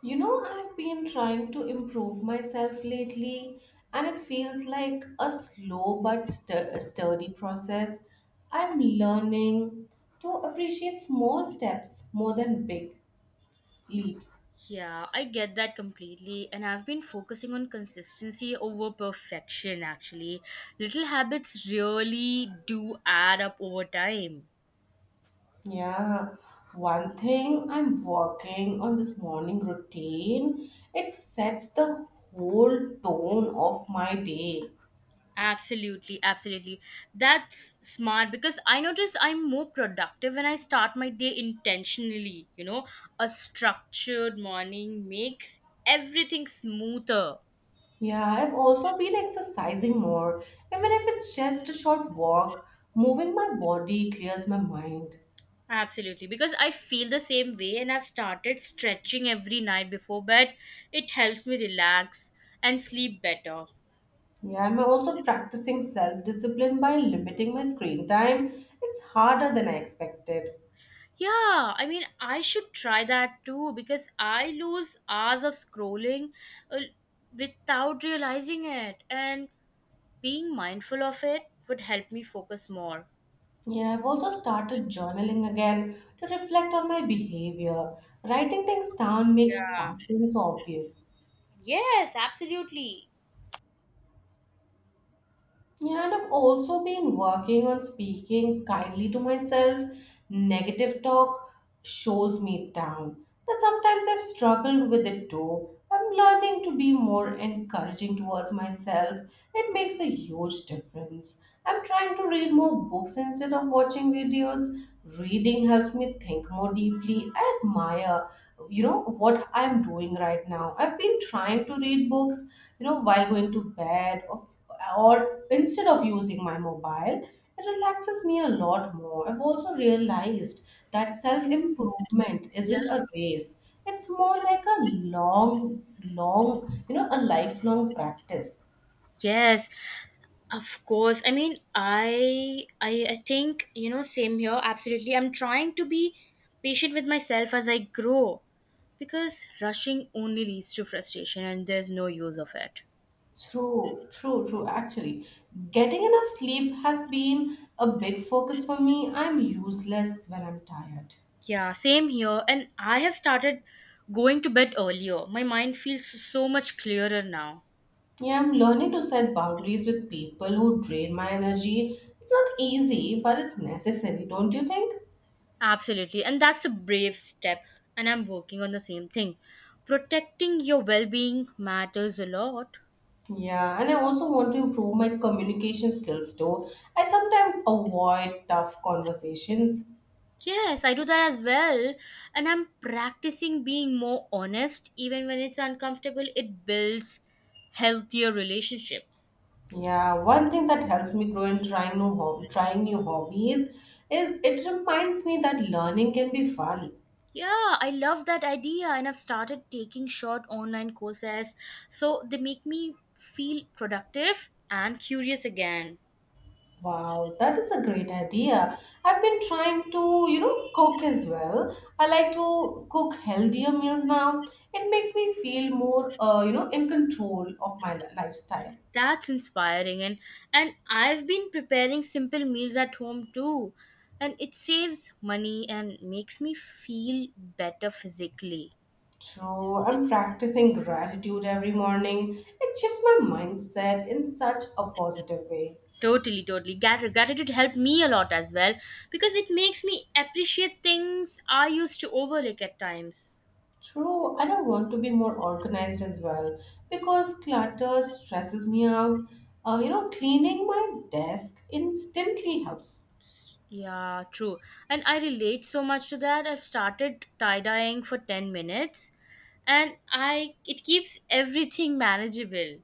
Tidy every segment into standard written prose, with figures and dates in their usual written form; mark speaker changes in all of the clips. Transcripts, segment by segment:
Speaker 1: I've been trying to improve myself lately, and it feels like a slow but sturdy process. I'm learning to appreciate small steps more than big leaps.
Speaker 2: Yeah, I get that completely. And I've been focusing on consistency over perfection, actually. Little habits really do add up over time.
Speaker 1: Yeah, one thing I'm working on this morning routine, it sets the whole tone of my day.
Speaker 2: Absolutely, absolutely. That's smart because I notice I'm more productive when I start my day intentionally. You know, a structured morning makes everything smoother.
Speaker 1: Yeah, I've also been exercising more, even if it's just a short walk. Moving my body clears my mind.
Speaker 2: Absolutely, because I feel the same way, and I've started stretching every night before bed. It helps me relax and sleep better.
Speaker 1: Yeah, I'm also practicing self discipline by limiting my screen time. It's harder than I expected.
Speaker 2: Yeah, I should try that too because I lose hours of scrolling uh, without realizing it, and being mindful of it would help me focus more.
Speaker 1: Yeah, I've also started journaling again to reflect on my behavior. Writing things down makes
Speaker 2: Yeah.
Speaker 1: patterns obvious.
Speaker 2: Yes, absolutely.
Speaker 1: Yeah, and I've also been working on speaking kindly to myself. Negative talk shows me down. That sometimes I've struggled with it too. I'm learning to be more encouraging towards myself. It makes a huge difference. I'm trying to read more books instead of watching videos. Reading helps me think more deeply. I admire, you know, what I'm doing right now. I've been trying to read books, you know, while going to bed or instead of using my mobile. It relaxes me a lot more. I've also realized that self improvement
Speaker 2: Yeah.
Speaker 1: isn't a race, it's more like a long, long, you know, a lifelong practice.
Speaker 2: Yes. Of course. I mean, I think, you know, same here, absolutely. I'm trying to be patient with myself as I grow because rushing only leads to frustration and there's no use of it.
Speaker 1: True, true, true. Actually, getting enough sleep has been a big focus for me. I'm useless when I'm tired.
Speaker 2: Yeah, same here. And I have started going to bed earlier. My mind feels so much clearer now.
Speaker 1: Yeah, I'm learning to set boundaries with people who drain my energy. It's not easy, but it's necessary, don't you think?
Speaker 2: Absolutely. And that's a brave step. And I'm working on the same thing. Protecting your well being matters a lot.
Speaker 1: Yeah, and I also want to improve my communication skills too. I sometimes avoid tough conversations.
Speaker 2: Yes, I do that as well. And I'm practicing being more honest, even when it's uncomfortable. It builds healthier relationships.
Speaker 1: Yeah, one thing that helps me grow in trying new hobbies is it reminds me that learning can be fun.
Speaker 2: Yeah, I love that idea. And I've started taking short online courses. So they make me feel productive and curious again.
Speaker 1: Wow, that is a great idea. I've been trying to, you know, cook as well. I like to cook healthier meals now. It makes me feel more, you know, in control of my lifestyle.
Speaker 2: That's inspiring. And I've been preparing simple meals at home too. And it saves money and makes me feel better physically.
Speaker 1: True, I'm practicing gratitude every morning. It shifts my mindset in such a positive way.
Speaker 2: Totally, totally. Grat- Gratitude helped me a lot as well because it makes me appreciate things I used to overlook at times.
Speaker 1: True, and I want to be more organized as well because clutter stresses me out. You know, cleaning my desk instantly helps.
Speaker 2: Yeah, true. And I relate so much to that. I've started tie-dyeing for 10 minutes and I it keeps everything manageable.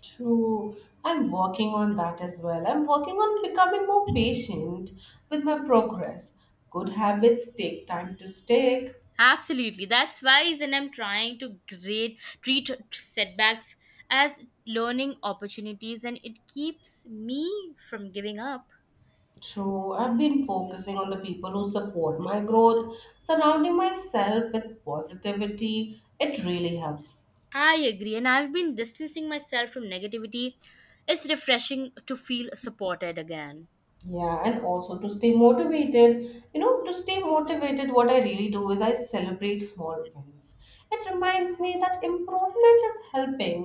Speaker 1: True, I'm working on that as well. I'm working on becoming more patient with my progress. Good habits take time to stick.
Speaker 2: Absolutely. That's wise. And I'm trying to grade treat setbacks as learning opportunities and it keeps me from giving up.
Speaker 1: True, I've been focusing on the people who support my growth, surrounding myself with positivity. It really helps.
Speaker 2: I agree, and I've been distancing myself from negativity. It's refreshing to feel supported again.
Speaker 1: Yeah, and also to stay motivated. You know, to stay motivated, what I really do is I celebrate small wins. It reminds me that improvement is helping.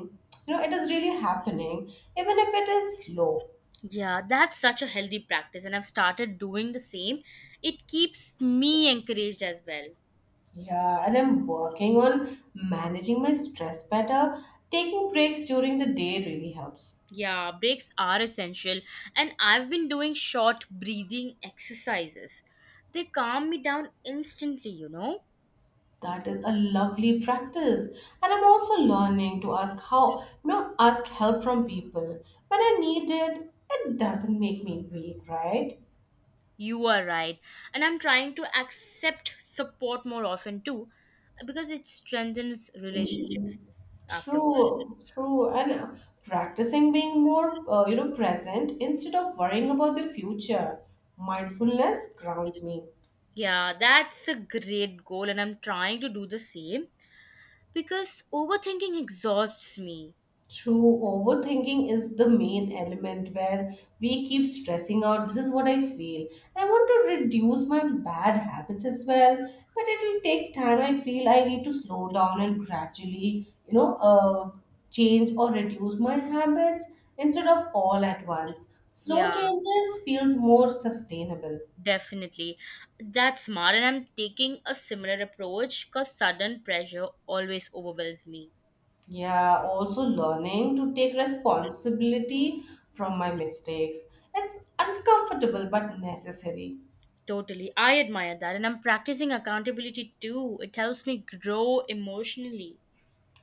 Speaker 1: You know, it is really happening, even if it is slow.
Speaker 2: Yeah, that's such a healthy practice, and I've started doing the same. It keeps me encouraged as well.
Speaker 1: Yeah, and I'm working on managing my stress better. Taking breaks during the day really helps.
Speaker 2: Yeah, breaks are essential, and I've been doing short breathing exercises. They calm me down instantly, you know?
Speaker 1: That is a lovely practice. And I'm also learning to ask how, you know, ask help from people. When I need it, it doesn't make me weak, right?
Speaker 2: You are right. And I'm trying to accept support more often too, because it strengthens relationships afterwards.
Speaker 1: True, true. And practicing being more, you know, present instead of worrying about the future. Mindfulness grounds me.
Speaker 2: Yeah, that's a great goal, and I'm trying to do the same because overthinking exhausts me.
Speaker 1: True, overthinking is the main element where we keep stressing out. This is what I feel. I want to reduce my bad habits as well, but it will take time. I feel I need to slow down and gradually, change or reduce my habits instead of all at once. Slow
Speaker 2: Yeah,
Speaker 1: changes feels more sustainable.
Speaker 2: definitely. That's smart, and I'm taking a similar approach because sudden pressure always overwhelms me.
Speaker 1: Yeah, also learning to take responsibility from my mistakes. It's uncomfortable but necessary.
Speaker 2: Totally. I admire that, and I'm practicing accountability too. It helps me grow emotionally.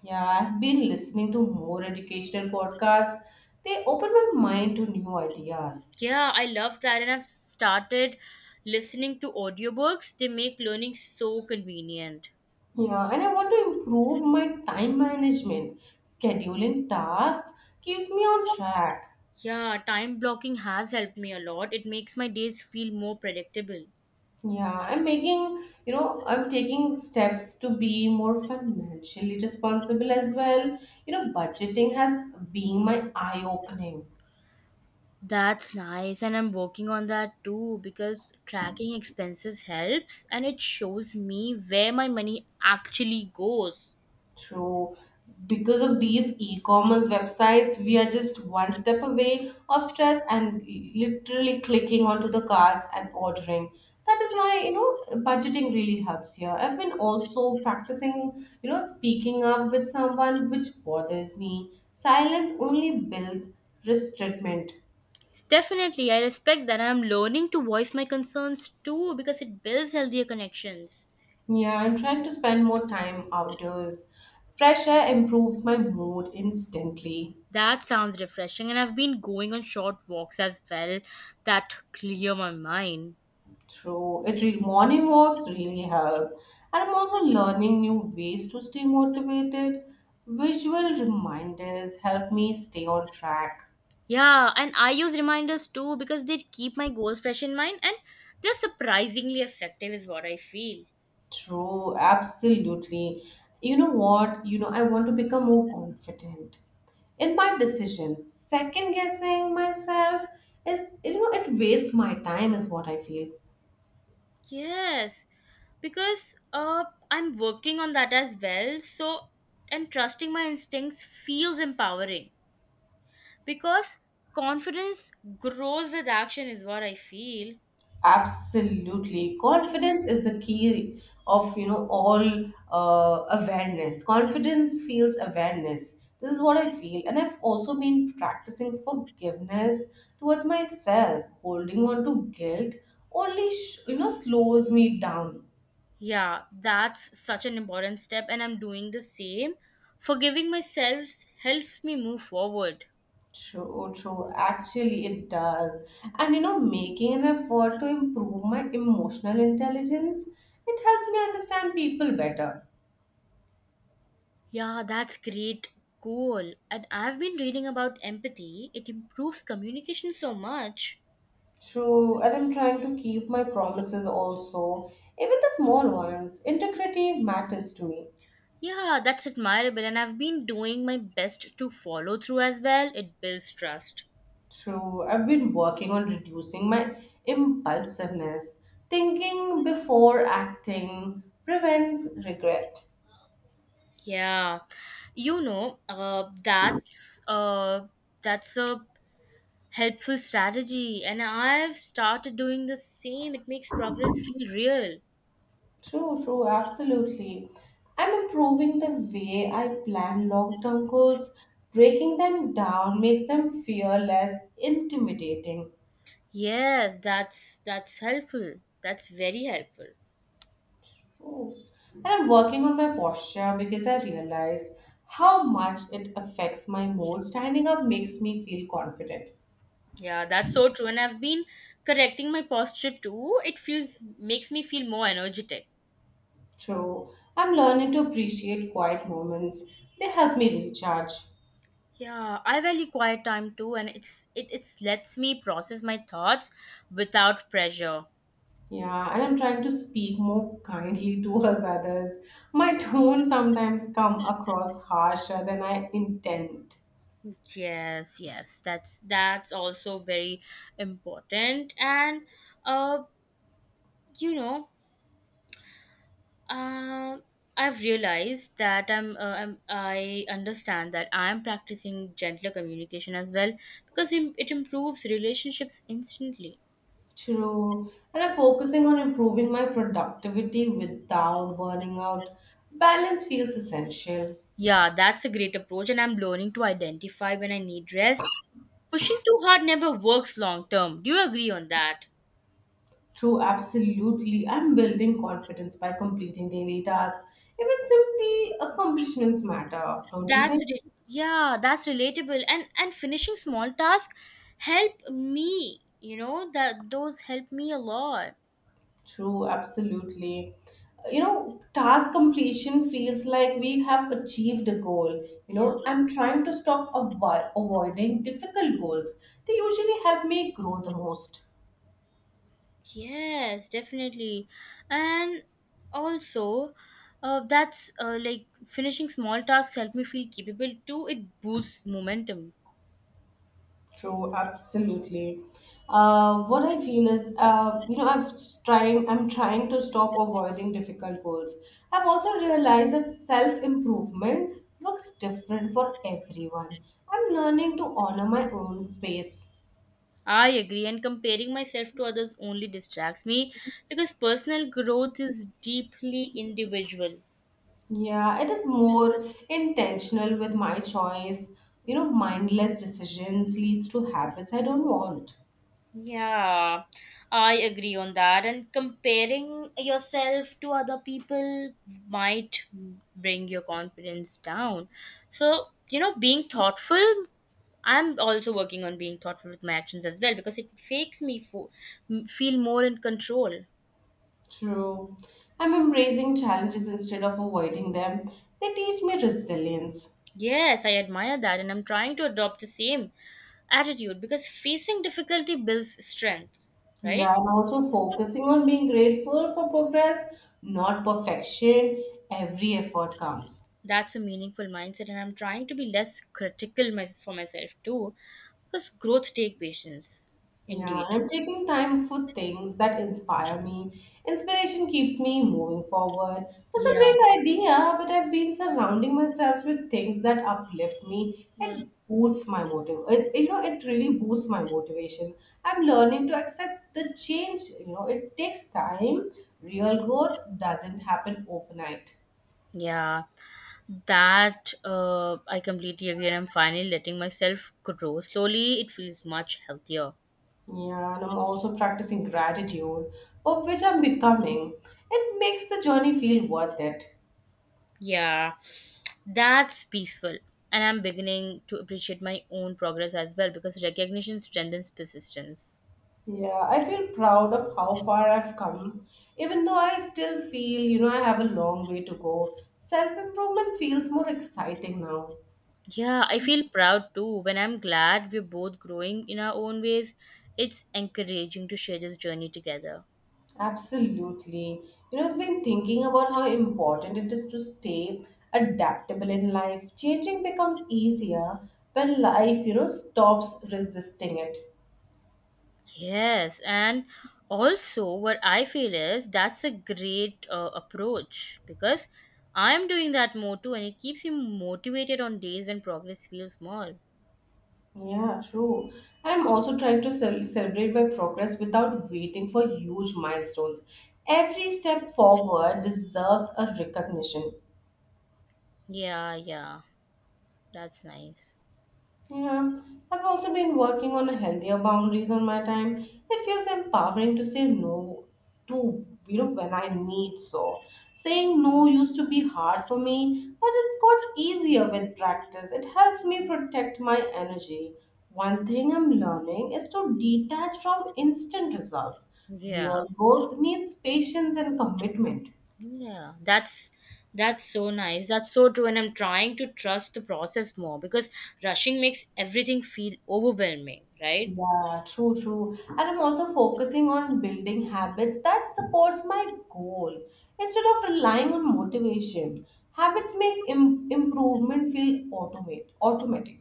Speaker 1: Yeah, I've been listening to more educational podcasts. They open my mind to new ideas.
Speaker 2: Yeah, I love that, and I've started listening to audiobooks. They make learning so convenient.
Speaker 1: Yeah, and I want to improve my time management. Scheduling tasks keeps me on track.
Speaker 2: Yeah, time blocking has helped me a lot. It makes my days feel more predictable.
Speaker 1: Yeah, I'm making, you know, I'm taking steps to be more financially responsible as well. You know, budgeting has been my eye opening.
Speaker 2: That's nice, and I'm working on that too because tracking expenses helps and it shows me where my money actually goes.
Speaker 1: True. Because of these e commerce websites, we are just one step away of stress and literally clicking onto the cards and ordering. That is why, you know, budgeting really helps here. I've been also practicing, you know, speaking up with someone which bothers me. Silence only builds restraint.
Speaker 2: Definitely, I respect that I'm learning to voice my concerns too because it builds healthier connections.
Speaker 1: Yeah, I'm trying to spend more time outdoors. Fresh air improves my mood instantly.
Speaker 2: That sounds refreshing, and I've been going on short walks as well that clear my mind.
Speaker 1: True. Morning walks really help. And I'm also learning new ways to stay motivated. Visual reminders help me stay on track.
Speaker 2: Yeah, and I use reminders too because they keep my goals fresh in mind and they're surprisingly effective, is what I feel.
Speaker 1: True, absolutely. You know what? You know, I want to become more confident in my decisions. Second guessing myself is, you know, it wastes my time, is what I feel.
Speaker 2: Yes, because I'm working on that as well. So, and trusting my instincts feels empowering because confidence grows with action, is what I feel.
Speaker 1: Absolutely. Confidence is the key of, you know, all awareness. Confidence feels awareness. This is what I feel. And I've also been practicing forgiveness towards myself. Holding on to guilt only, you know, slows me down.
Speaker 2: Yeah, that's such an important step, and I'm doing the same. Forgiving myself helps me move forward.
Speaker 1: True, true. Actually, it does. And, you know, making an effort to improve my emotional intelligence, it helps me understand people better.
Speaker 2: Yeah, that's great. Cool. And I've been reading about empathy. It improves communication so much.
Speaker 1: True, and I'm trying to keep my promises also, even the small ones. Integrity matters to me.
Speaker 2: Yeah, that's admirable. And I've been doing my best to follow through as well. It builds trust.
Speaker 1: True, I've been working on reducing my impulsiveness. Thinking before acting prevents regret.
Speaker 2: Yeah. You know, uh, that's uh, that's a helpful strategy. And I've started doing the same. It makes progress feel real.
Speaker 1: True, true, absolutely. I'm improving the way I plan long term goals. Breaking them down makes them fearless, intimidating.
Speaker 2: Yes, that's helpful. That's very helpful.
Speaker 1: Oh, and I'm working on my posture because I realized how much it affects my mood. Standing up makes me feel confident.
Speaker 2: Yeah, that's so true. And I've been correcting my posture too. It feels makes me feel more energetic.
Speaker 1: True. I'm learning to appreciate quiet moments. They help me recharge.
Speaker 2: Yeah, I value quiet time too, and it's it it's lets me process my thoughts without pressure.
Speaker 1: Yeah, and I'm trying to speak more kindly towards others. My tone sometimes come across harsher than I intend.
Speaker 2: Yes, yes, that's also very important. Uh, you know, uh, I've realized that I understand that I am practicing gentler communication as well because it improves relationships instantly.
Speaker 1: True. And I'm focusing on improving my productivity without burning out. Balance feels essential.
Speaker 2: Yeah, that's a great approach, and I'm learning to identify when I need rest. Pushing too hard never works long term. Do you agree on that?
Speaker 1: True, absolutely. I'm building confidence by completing daily tasks. Even simply accomplishments matter, don't you
Speaker 2: That's
Speaker 1: think?
Speaker 2: re- yeah, that's relatable. And finishing small tasks help me. You know that those help me a lot.
Speaker 1: True, absolutely. You know, task completion feels like we have achieved a goal. You
Speaker 2: Yeah.
Speaker 1: know, I'm trying to stop avoiding difficult goals. They usually help me grow the most.
Speaker 2: Yes, definitely. And also, that's like finishing small tasks help me feel capable too. It boosts momentum.
Speaker 1: True, absolutely. What I feel is, you know, I'm trying to stop avoiding difficult goals. I've also realized that self improvement looks different for everyone. I'm learning to honor my own space.
Speaker 2: I agree, and comparing myself to others only distracts me because personal growth is deeply individual.
Speaker 1: Yeah, it is more intentional with my choice. You know, mindless decisions leads to habits I don't want.
Speaker 2: Yeah, I agree on that. And comparing yourself to other people might bring your confidence down. So, you know, being thoughtful I'm also working on being thoughtful with my actions as well because it makes me feel more in control.
Speaker 1: True. I'm embracing challenges instead of avoiding them. They teach me resilience.
Speaker 2: Yes, I admire that, and I'm trying to adopt the same attitude because facing difficulty builds strength,
Speaker 1: Yeah,
Speaker 2: right?
Speaker 1: and also focusing on being grateful for progress, not perfection. Every effort counts.
Speaker 2: That's a meaningful mindset, and I'm trying to be less critical my, for myself too because growth take patience,
Speaker 1: Yeah,
Speaker 2: indeed.
Speaker 1: and I'm taking time for things that inspire me. Inspiration keeps me moving forward. That's a
Speaker 2: Yeah,
Speaker 1: great idea, but I've been surrounding myself with things that uplift me.
Speaker 2: yeah,
Speaker 1: It boosts my motive. You know, it really boosts my motivation. I'm learning to accept the change. You know, it takes time. Real growth doesn't happen overnight.
Speaker 2: yeah. That I completely agree, and I'm finally letting myself grow slowly. It feels much healthier.
Speaker 1: Yeah, and I'm also practicing gratitude, of which I'm becoming. It makes the journey feel worth it.
Speaker 2: Yeah, that's peaceful. And I'm beginning to appreciate my own progress as well because recognition strengthens persistence.
Speaker 1: Yeah, I feel proud of how far I've come, even though I still feel, you know, I have a long way to go. Self improvement feels more exciting now.
Speaker 2: Yeah, I feel proud too when I'm glad we're both growing in our own ways. It's encouraging to share this journey together.
Speaker 1: Absolutely. You know, I've been thinking about how important it is to stay adaptable in life. Changing becomes easier when life, you know, stops resisting it.
Speaker 2: Yes, and also what I feel is that's a great approach because I'm doing that more too, and it keeps me motivated on days when progress feels small.
Speaker 1: Yeah, true. I'm also trying to celebrate my progress without waiting for huge milestones. Every step forward deserves a recognition.
Speaker 2: Yeah, yeah, that's nice.
Speaker 1: Yeah, I've also been working on a healthier boundaries on my time. It feels empowering to say no to, you know, when I need so. Saying no used to be hard for me, but it's got easier with practice. It helps me protect my energy. One thing I'm learning is to detach from instant results.
Speaker 2: Yeah,
Speaker 1: Real growth needs patience and commitment.
Speaker 2: yeah, that's so nice. That's so true. And I'm trying to trust the process more because rushing makes everything feel overwhelming, right?
Speaker 1: Yeah, true, true. And I'm also focusing on building habits that supports my goal instead of relying on motivation. Habits make improvement feel automate automatic.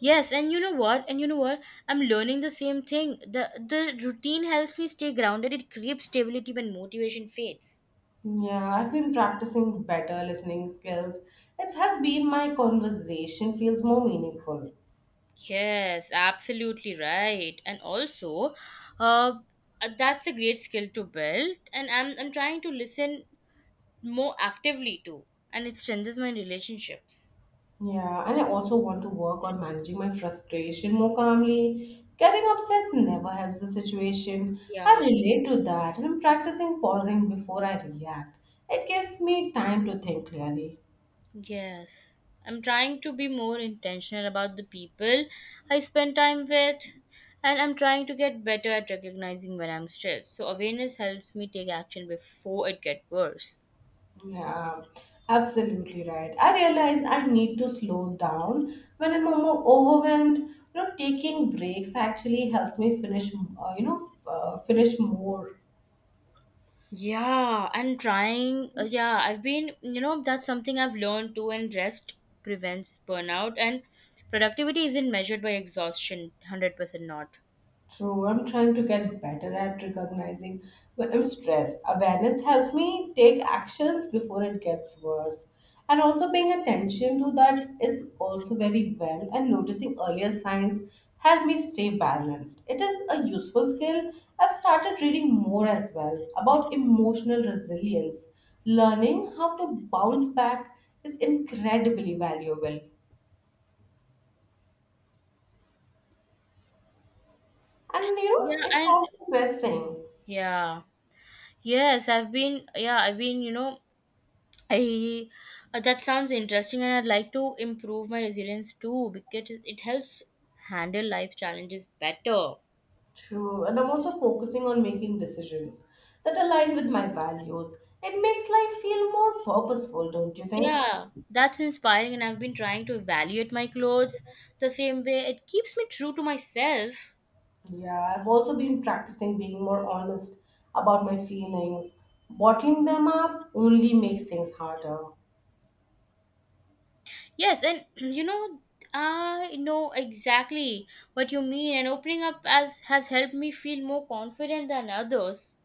Speaker 2: Yes, and you know what? And you know what? I'm learning the same thing. The routine helps me stay grounded. It creates stability when motivation fades.
Speaker 1: Yeah, I've been practicing better listening skills. It has been my conversation feels more meaningful.
Speaker 2: Yes, absolutely right. And also, uh, that's a great skill to build. And I'm trying to listen more actively too, and it strengthens my relationships.
Speaker 1: Yeah, and I also want to work on managing my frustration more calmly. Getting upset never helps the situation. I
Speaker 2: Yeah.
Speaker 1: relate to that, and I'm practicing pausing before I react. It gives me time to think clearly.
Speaker 2: Yes. I'm trying to be more intentional about the people I spend time with, and I'm trying to get better at recognizing when I'm stressed. So, awareness helps me take action before it gets worse.
Speaker 1: Yeah, absolutely right. I realize I need to slow down when I'm more overwhelmed. You know, taking breaks actually helped me finish. You know, finish more.
Speaker 2: Yeah, yeah, I've been, you know, that's something I've learned too, and rest prevents burnout, and productivity isn't measured by exhaustion, 100% not.
Speaker 1: True, I'm trying to get better at recognizing when I'm stressed. Awareness helps me take actions before it gets worse. And also paying attention to that is also very well and noticing earlier signs help me stay balanced. It is a useful skill. I've started reading more as well about emotional resilience. Learning how to bounce back is incredibly valuable. And you
Speaker 2: Yeah,
Speaker 1: know, it's also interesting.
Speaker 2: yeah, yes, I've been, yeah, I've been, you know, I that sounds interesting, and I'd like to improve my resilience too because it helps handle life challenges better.
Speaker 1: True, and I'm also focusing on making decisions that align with my values. It makes life feel more purposeful, don't you think?
Speaker 2: Yeah, that's inspiring, and I've been trying to evaluate my clothes the same way. It keeps me true to myself.
Speaker 1: Yeah, I've also been practicing being more honest about my feelings. Bottling them up only makes things harder.
Speaker 2: Yes, and you know, I know exactly what you mean, and opening up as has helped me feel more confident than others.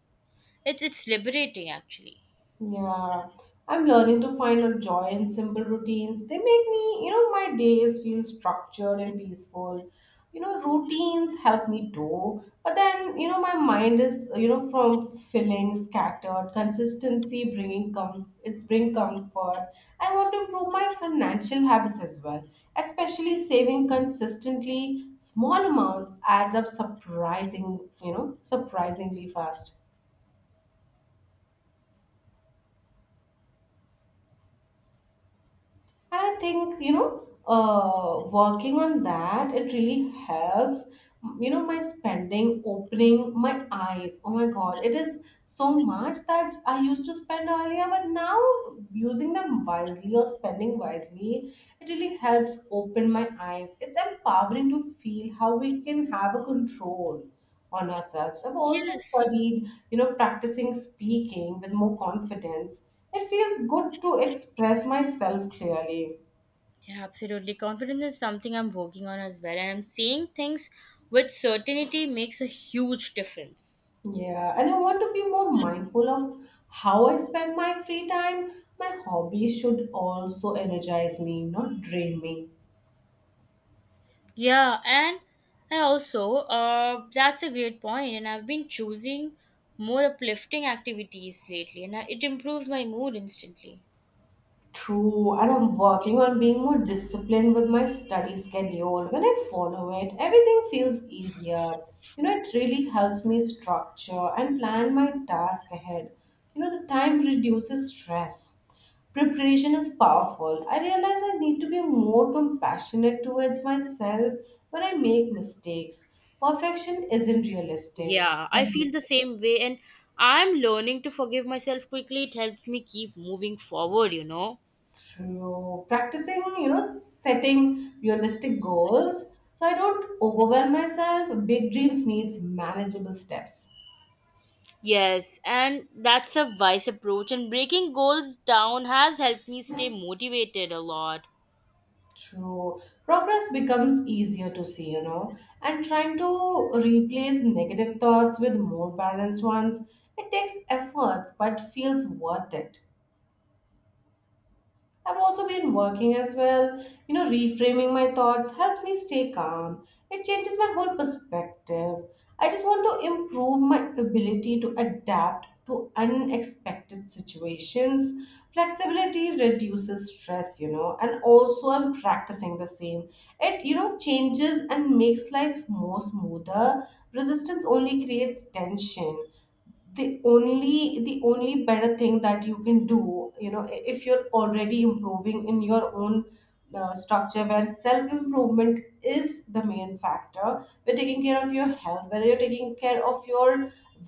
Speaker 2: It's liberating, actually.
Speaker 1: Yeah, I'm learning to find a joy in simple routines. They make me, you know, my days feel structured and peaceful. Routines help me too, but then my mind is, from feeling scattered. Consistency bringing it's bring comfort. I want to improve my financial habits as well, especially saving consistently. Small amounts adds up surprisingly fast. And I think, working on that, it really helps. My spending, opening my eyes. Oh my God, it is so much that I used to spend earlier, but now using them wisely or spending wisely, it really helps open my eyes. It's empowering to feel how we can have a control on ourselves. I've also
Speaker 2: Yes.
Speaker 1: studied, practicing speaking with more confidence. It feels good to express myself clearly.
Speaker 2: Yeah, absolutely. Confidence is something I'm working on as well, and I'm seeing things with certainty makes a huge difference.
Speaker 1: Yeah, and I want to be more mindful of how I spend my free time. My hobbies should also energize me, not drain me.
Speaker 2: Yeah, and also, that's a great point. And I've been choosing more uplifting activities lately, and I, it improves my mood instantly.
Speaker 1: True, and I'm working on being more disciplined with my study schedule. When I follow it, everything feels easier. It really helps me structure and plan my task ahead. The time reduces stress. Preparation is powerful. I realize I need to be more compassionate towards myself when I make mistakes. Perfection isn't realistic.
Speaker 2: Yeah, I feel the same way, and I'm learning to forgive myself quickly. It helps me keep moving forward. You know.
Speaker 1: True. Practicing, setting realistic goals so I don't overwhelm myself. Big dreams needs manageable steps.
Speaker 2: Yes, and that's a wise approach, and breaking goals down has helped me stay motivated a lot.
Speaker 1: True. Progress becomes easier to see, and trying to replace negative thoughts with more balanced ones, it takes efforts but feels worth it. I've also been working as well. Reframing my thoughts helps me stay calm. It changes my whole perspective. I just want to improve my ability to adapt to unexpected situations. Flexibility reduces stress, and also I'm practicing the same. It changes and makes life more smoother. Resistance only creates tension. The only better thing that you can do, if you're already improving in your own structure, where self improvement is the main factor, where taking care of your health, where you're taking care of your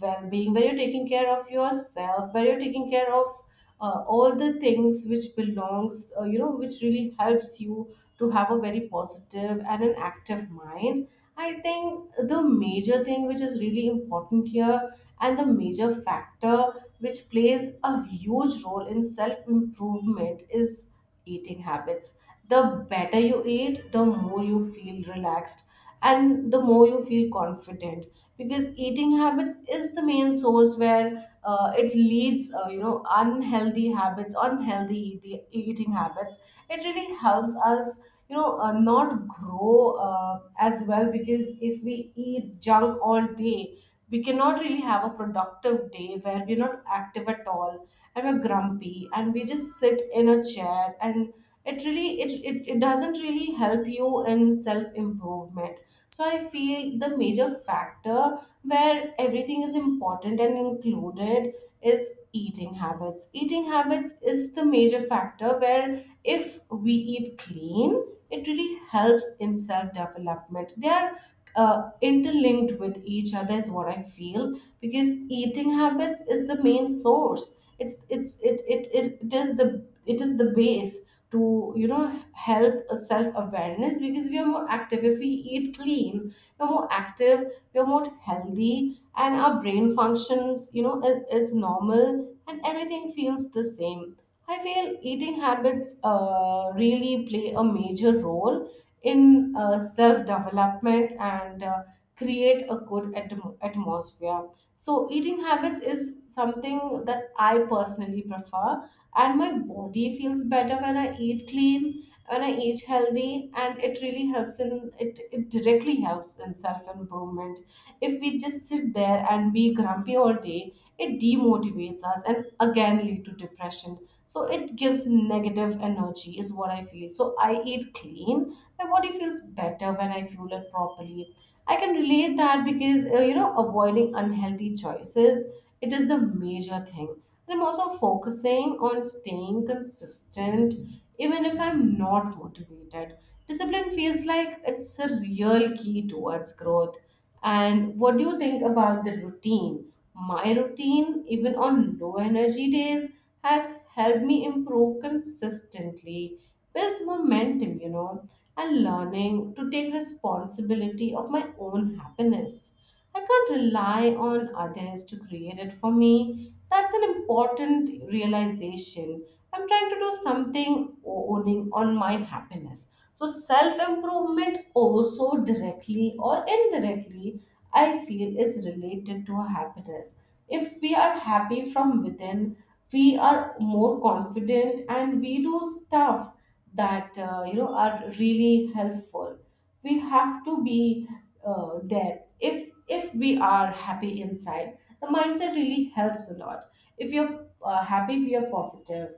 Speaker 1: well being, where you're taking care of yourself, where you're taking care of all the things which belongs, which really helps you to have a very positive and an active mind. I think the major thing which is really important here and the major factor which plays a huge role in self improvement is eating habits. The better you eat, the more you feel relaxed and the more you feel confident, because eating habits is the main source where it leads, unhealthy habits, eating habits. It really helps us, not grow as well, because if we eat junk all day we cannot really have a productive day, where we're not active at all and we're grumpy and we just sit in a chair, and it really it doesn't really help you in self improvement. So I feel the major factor where everything is important and included is eating habits. Eating habits is the major factor, where if we eat clean it really helps in self development. They are uh, interlinked with each other is what I feel, because eating habits is the main source. It's it's it it, it, it is the it is the base to, help a self awareness, because we are more active. If we eat clean, we're more active, we're more healthy, and our brain functions, is normal, and everything feels the same. I feel eating habits really play a major role in self development, and create a good atmosphere. So, eating habits is something that I personally prefer, and my body feels better when I eat clean, when I eat healthy, and it really helps in it directly helps in self improvement. If we just sit there and be grumpy all day, it demotivates us and again lead to depression. So, it gives negative energy, is what I feel. So, I eat clean, my body feels better when I fuel it properly. I can relate that, because avoiding unhealthy choices, it is the major thing. And I'm also focusing on staying consistent even if I'm not motivated. Discipline feels like it's a real key towards growth. And what do you think about the routine? My routine, even on low energy days, has helped me improve consistently, builds momentum, and learning to take responsibility of my own happiness. I can't rely on others to create it for me. That's an important realization. I'm trying to do something owning on my happiness. So, self improvement also directly or indirectly, I feel is related to our happiness. If we are happy from within, we are more confident and we do stuff that, are really helpful. We have to be there. If we are happy inside, the mindset really helps a lot. If you're happy, if you're positive,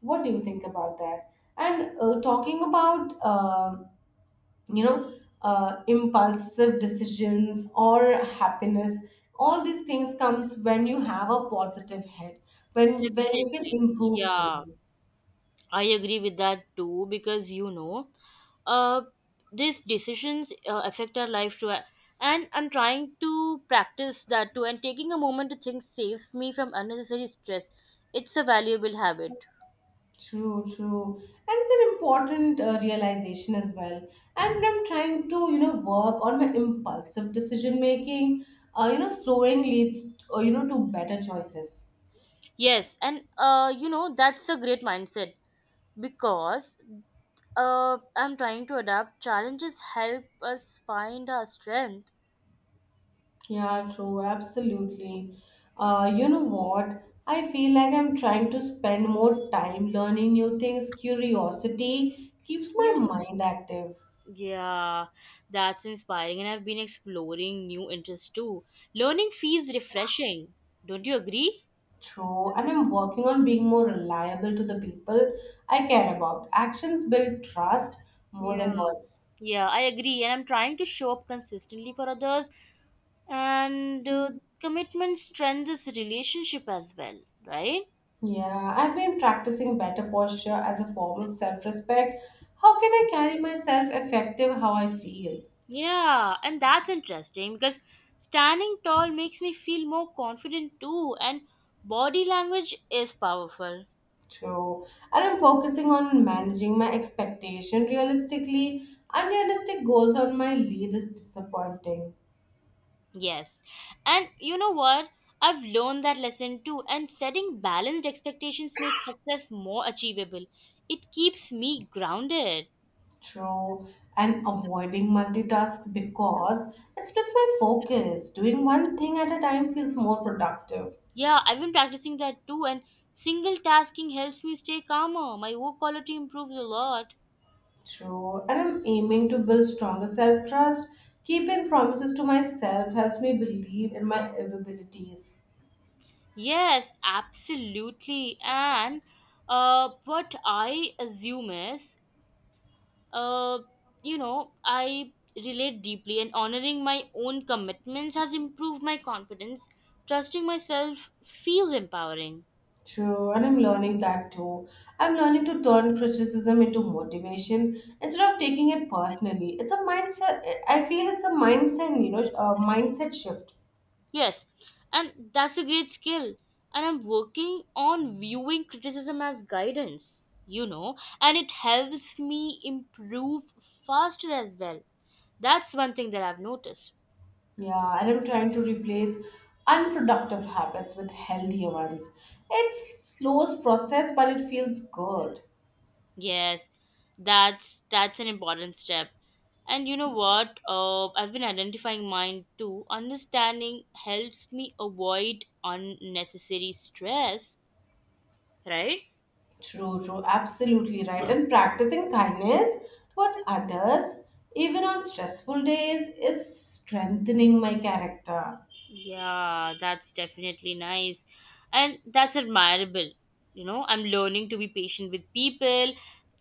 Speaker 1: what do you think about that? And talking about, you know impulsive decisions or happiness, all these things comes when you have a positive head, when you can
Speaker 2: Definitely.
Speaker 1: improve from
Speaker 2: Yeah,
Speaker 1: it.
Speaker 2: I agree with that too because you know, uh, these decisions affect our life too. And I'm trying to practice that too, and taking a moment to think saves me from unnecessary stress. It's a valuable habit.
Speaker 1: True, true. And it's an important realization as well. And I'm trying to, work on my impulsive decision making. Slowing leads, to better choices.
Speaker 2: Yes, and you know, that's a great mindset, because I'm trying to adapt. Challenges help us find our strength.
Speaker 1: Yeah, true, absolutely. You know what? I feel like I'm trying to spend more time learning new things. Curiosity keeps my
Speaker 2: Yeah.
Speaker 1: mind active.
Speaker 2: Yeah, that's inspiring, and I've been exploring new interests too. Learning feels refreshing. Don't you agree?
Speaker 1: True, and I'm working on being more reliable to the people I care about. Actions build trust more
Speaker 2: Yeah.
Speaker 1: than words.
Speaker 2: Yeah, I agree, and I'm trying to show up consistently for others, and commitment strengthens relationship as well, right?
Speaker 1: Yeah, I've been practicing better posture as a form of self respect. How can I carry myself effective how I feel?
Speaker 2: Yeah, and that's interesting because standing tall makes me feel more confident too, and body language is powerful.
Speaker 1: True. And I'm focusing on managing my expectation realistically. Unrealistic goals on my lead is disappointing.
Speaker 2: Yes. And you know what? I've learned that lesson too, and setting balanced expectations makes success more achievable. It keeps me grounded.
Speaker 1: True, and avoiding multitask because it splits my focus. Doing one thing at a time feels more productive.
Speaker 2: Yeah, I've been practicing that too, and single tasking helps me stay calmer. My work quality improves a lot.
Speaker 1: True, and I'm aiming to build stronger self trust. Keeping promises to myself helps me believe in my abilities.
Speaker 2: Yes, absolutely. And what I assume is, uh, you know, I relate deeply, and honoring my own commitments has improved my confidence. Trusting myself feels empowering.
Speaker 1: True, and I'm learning that too. I'm learning to turn criticism into motivation instead of taking it personally. It's a mindset. I feel it's a mindset, a mindset shift.
Speaker 2: Yes, and that's a great skill. And I'm working on viewing criticism as guidance, you know, and it helps me improve faster as well. That's one thing that I've noticed.
Speaker 1: Yeah, and I'm trying to replace unproductive habits with healthier ones. It's slows process, but it feels good.
Speaker 2: Yes, that's an important step. And you know what? I've been identifying mine too. Understanding helps me avoid unnecessary stress, right?
Speaker 1: True, true, absolutely right. And practicing kindness towards others, even on stressful days, is strengthening my character.
Speaker 2: Yeah, that's definitely nice. And that's admirable. You know, I'm learning to be patient with people.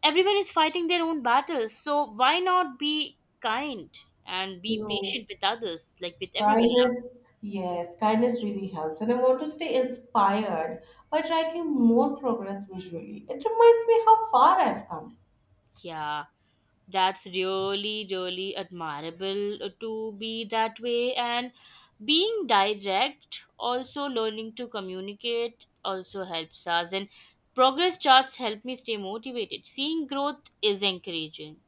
Speaker 2: Everyone is fighting their own battles, so why not be kind and be
Speaker 1: No,
Speaker 2: patient with others, like with everyone else?
Speaker 1: kindness, yes, kindness really helps. And I want to stay inspired by tracking more progress visually. It reminds me how far I've come.
Speaker 2: Yeah, that's really, really admirable to be that way. And being direct, also learning to communicate, also helps us. And progress charts help me stay motivated. Seeing growth is encouraging.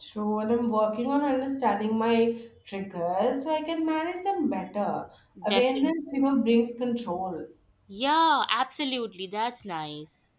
Speaker 1: True, and I'm working on understanding my triggers so I can manage them better.
Speaker 2: Definitely.
Speaker 1: Awareness, brings control.
Speaker 2: Yeah, absolutely. That's nice.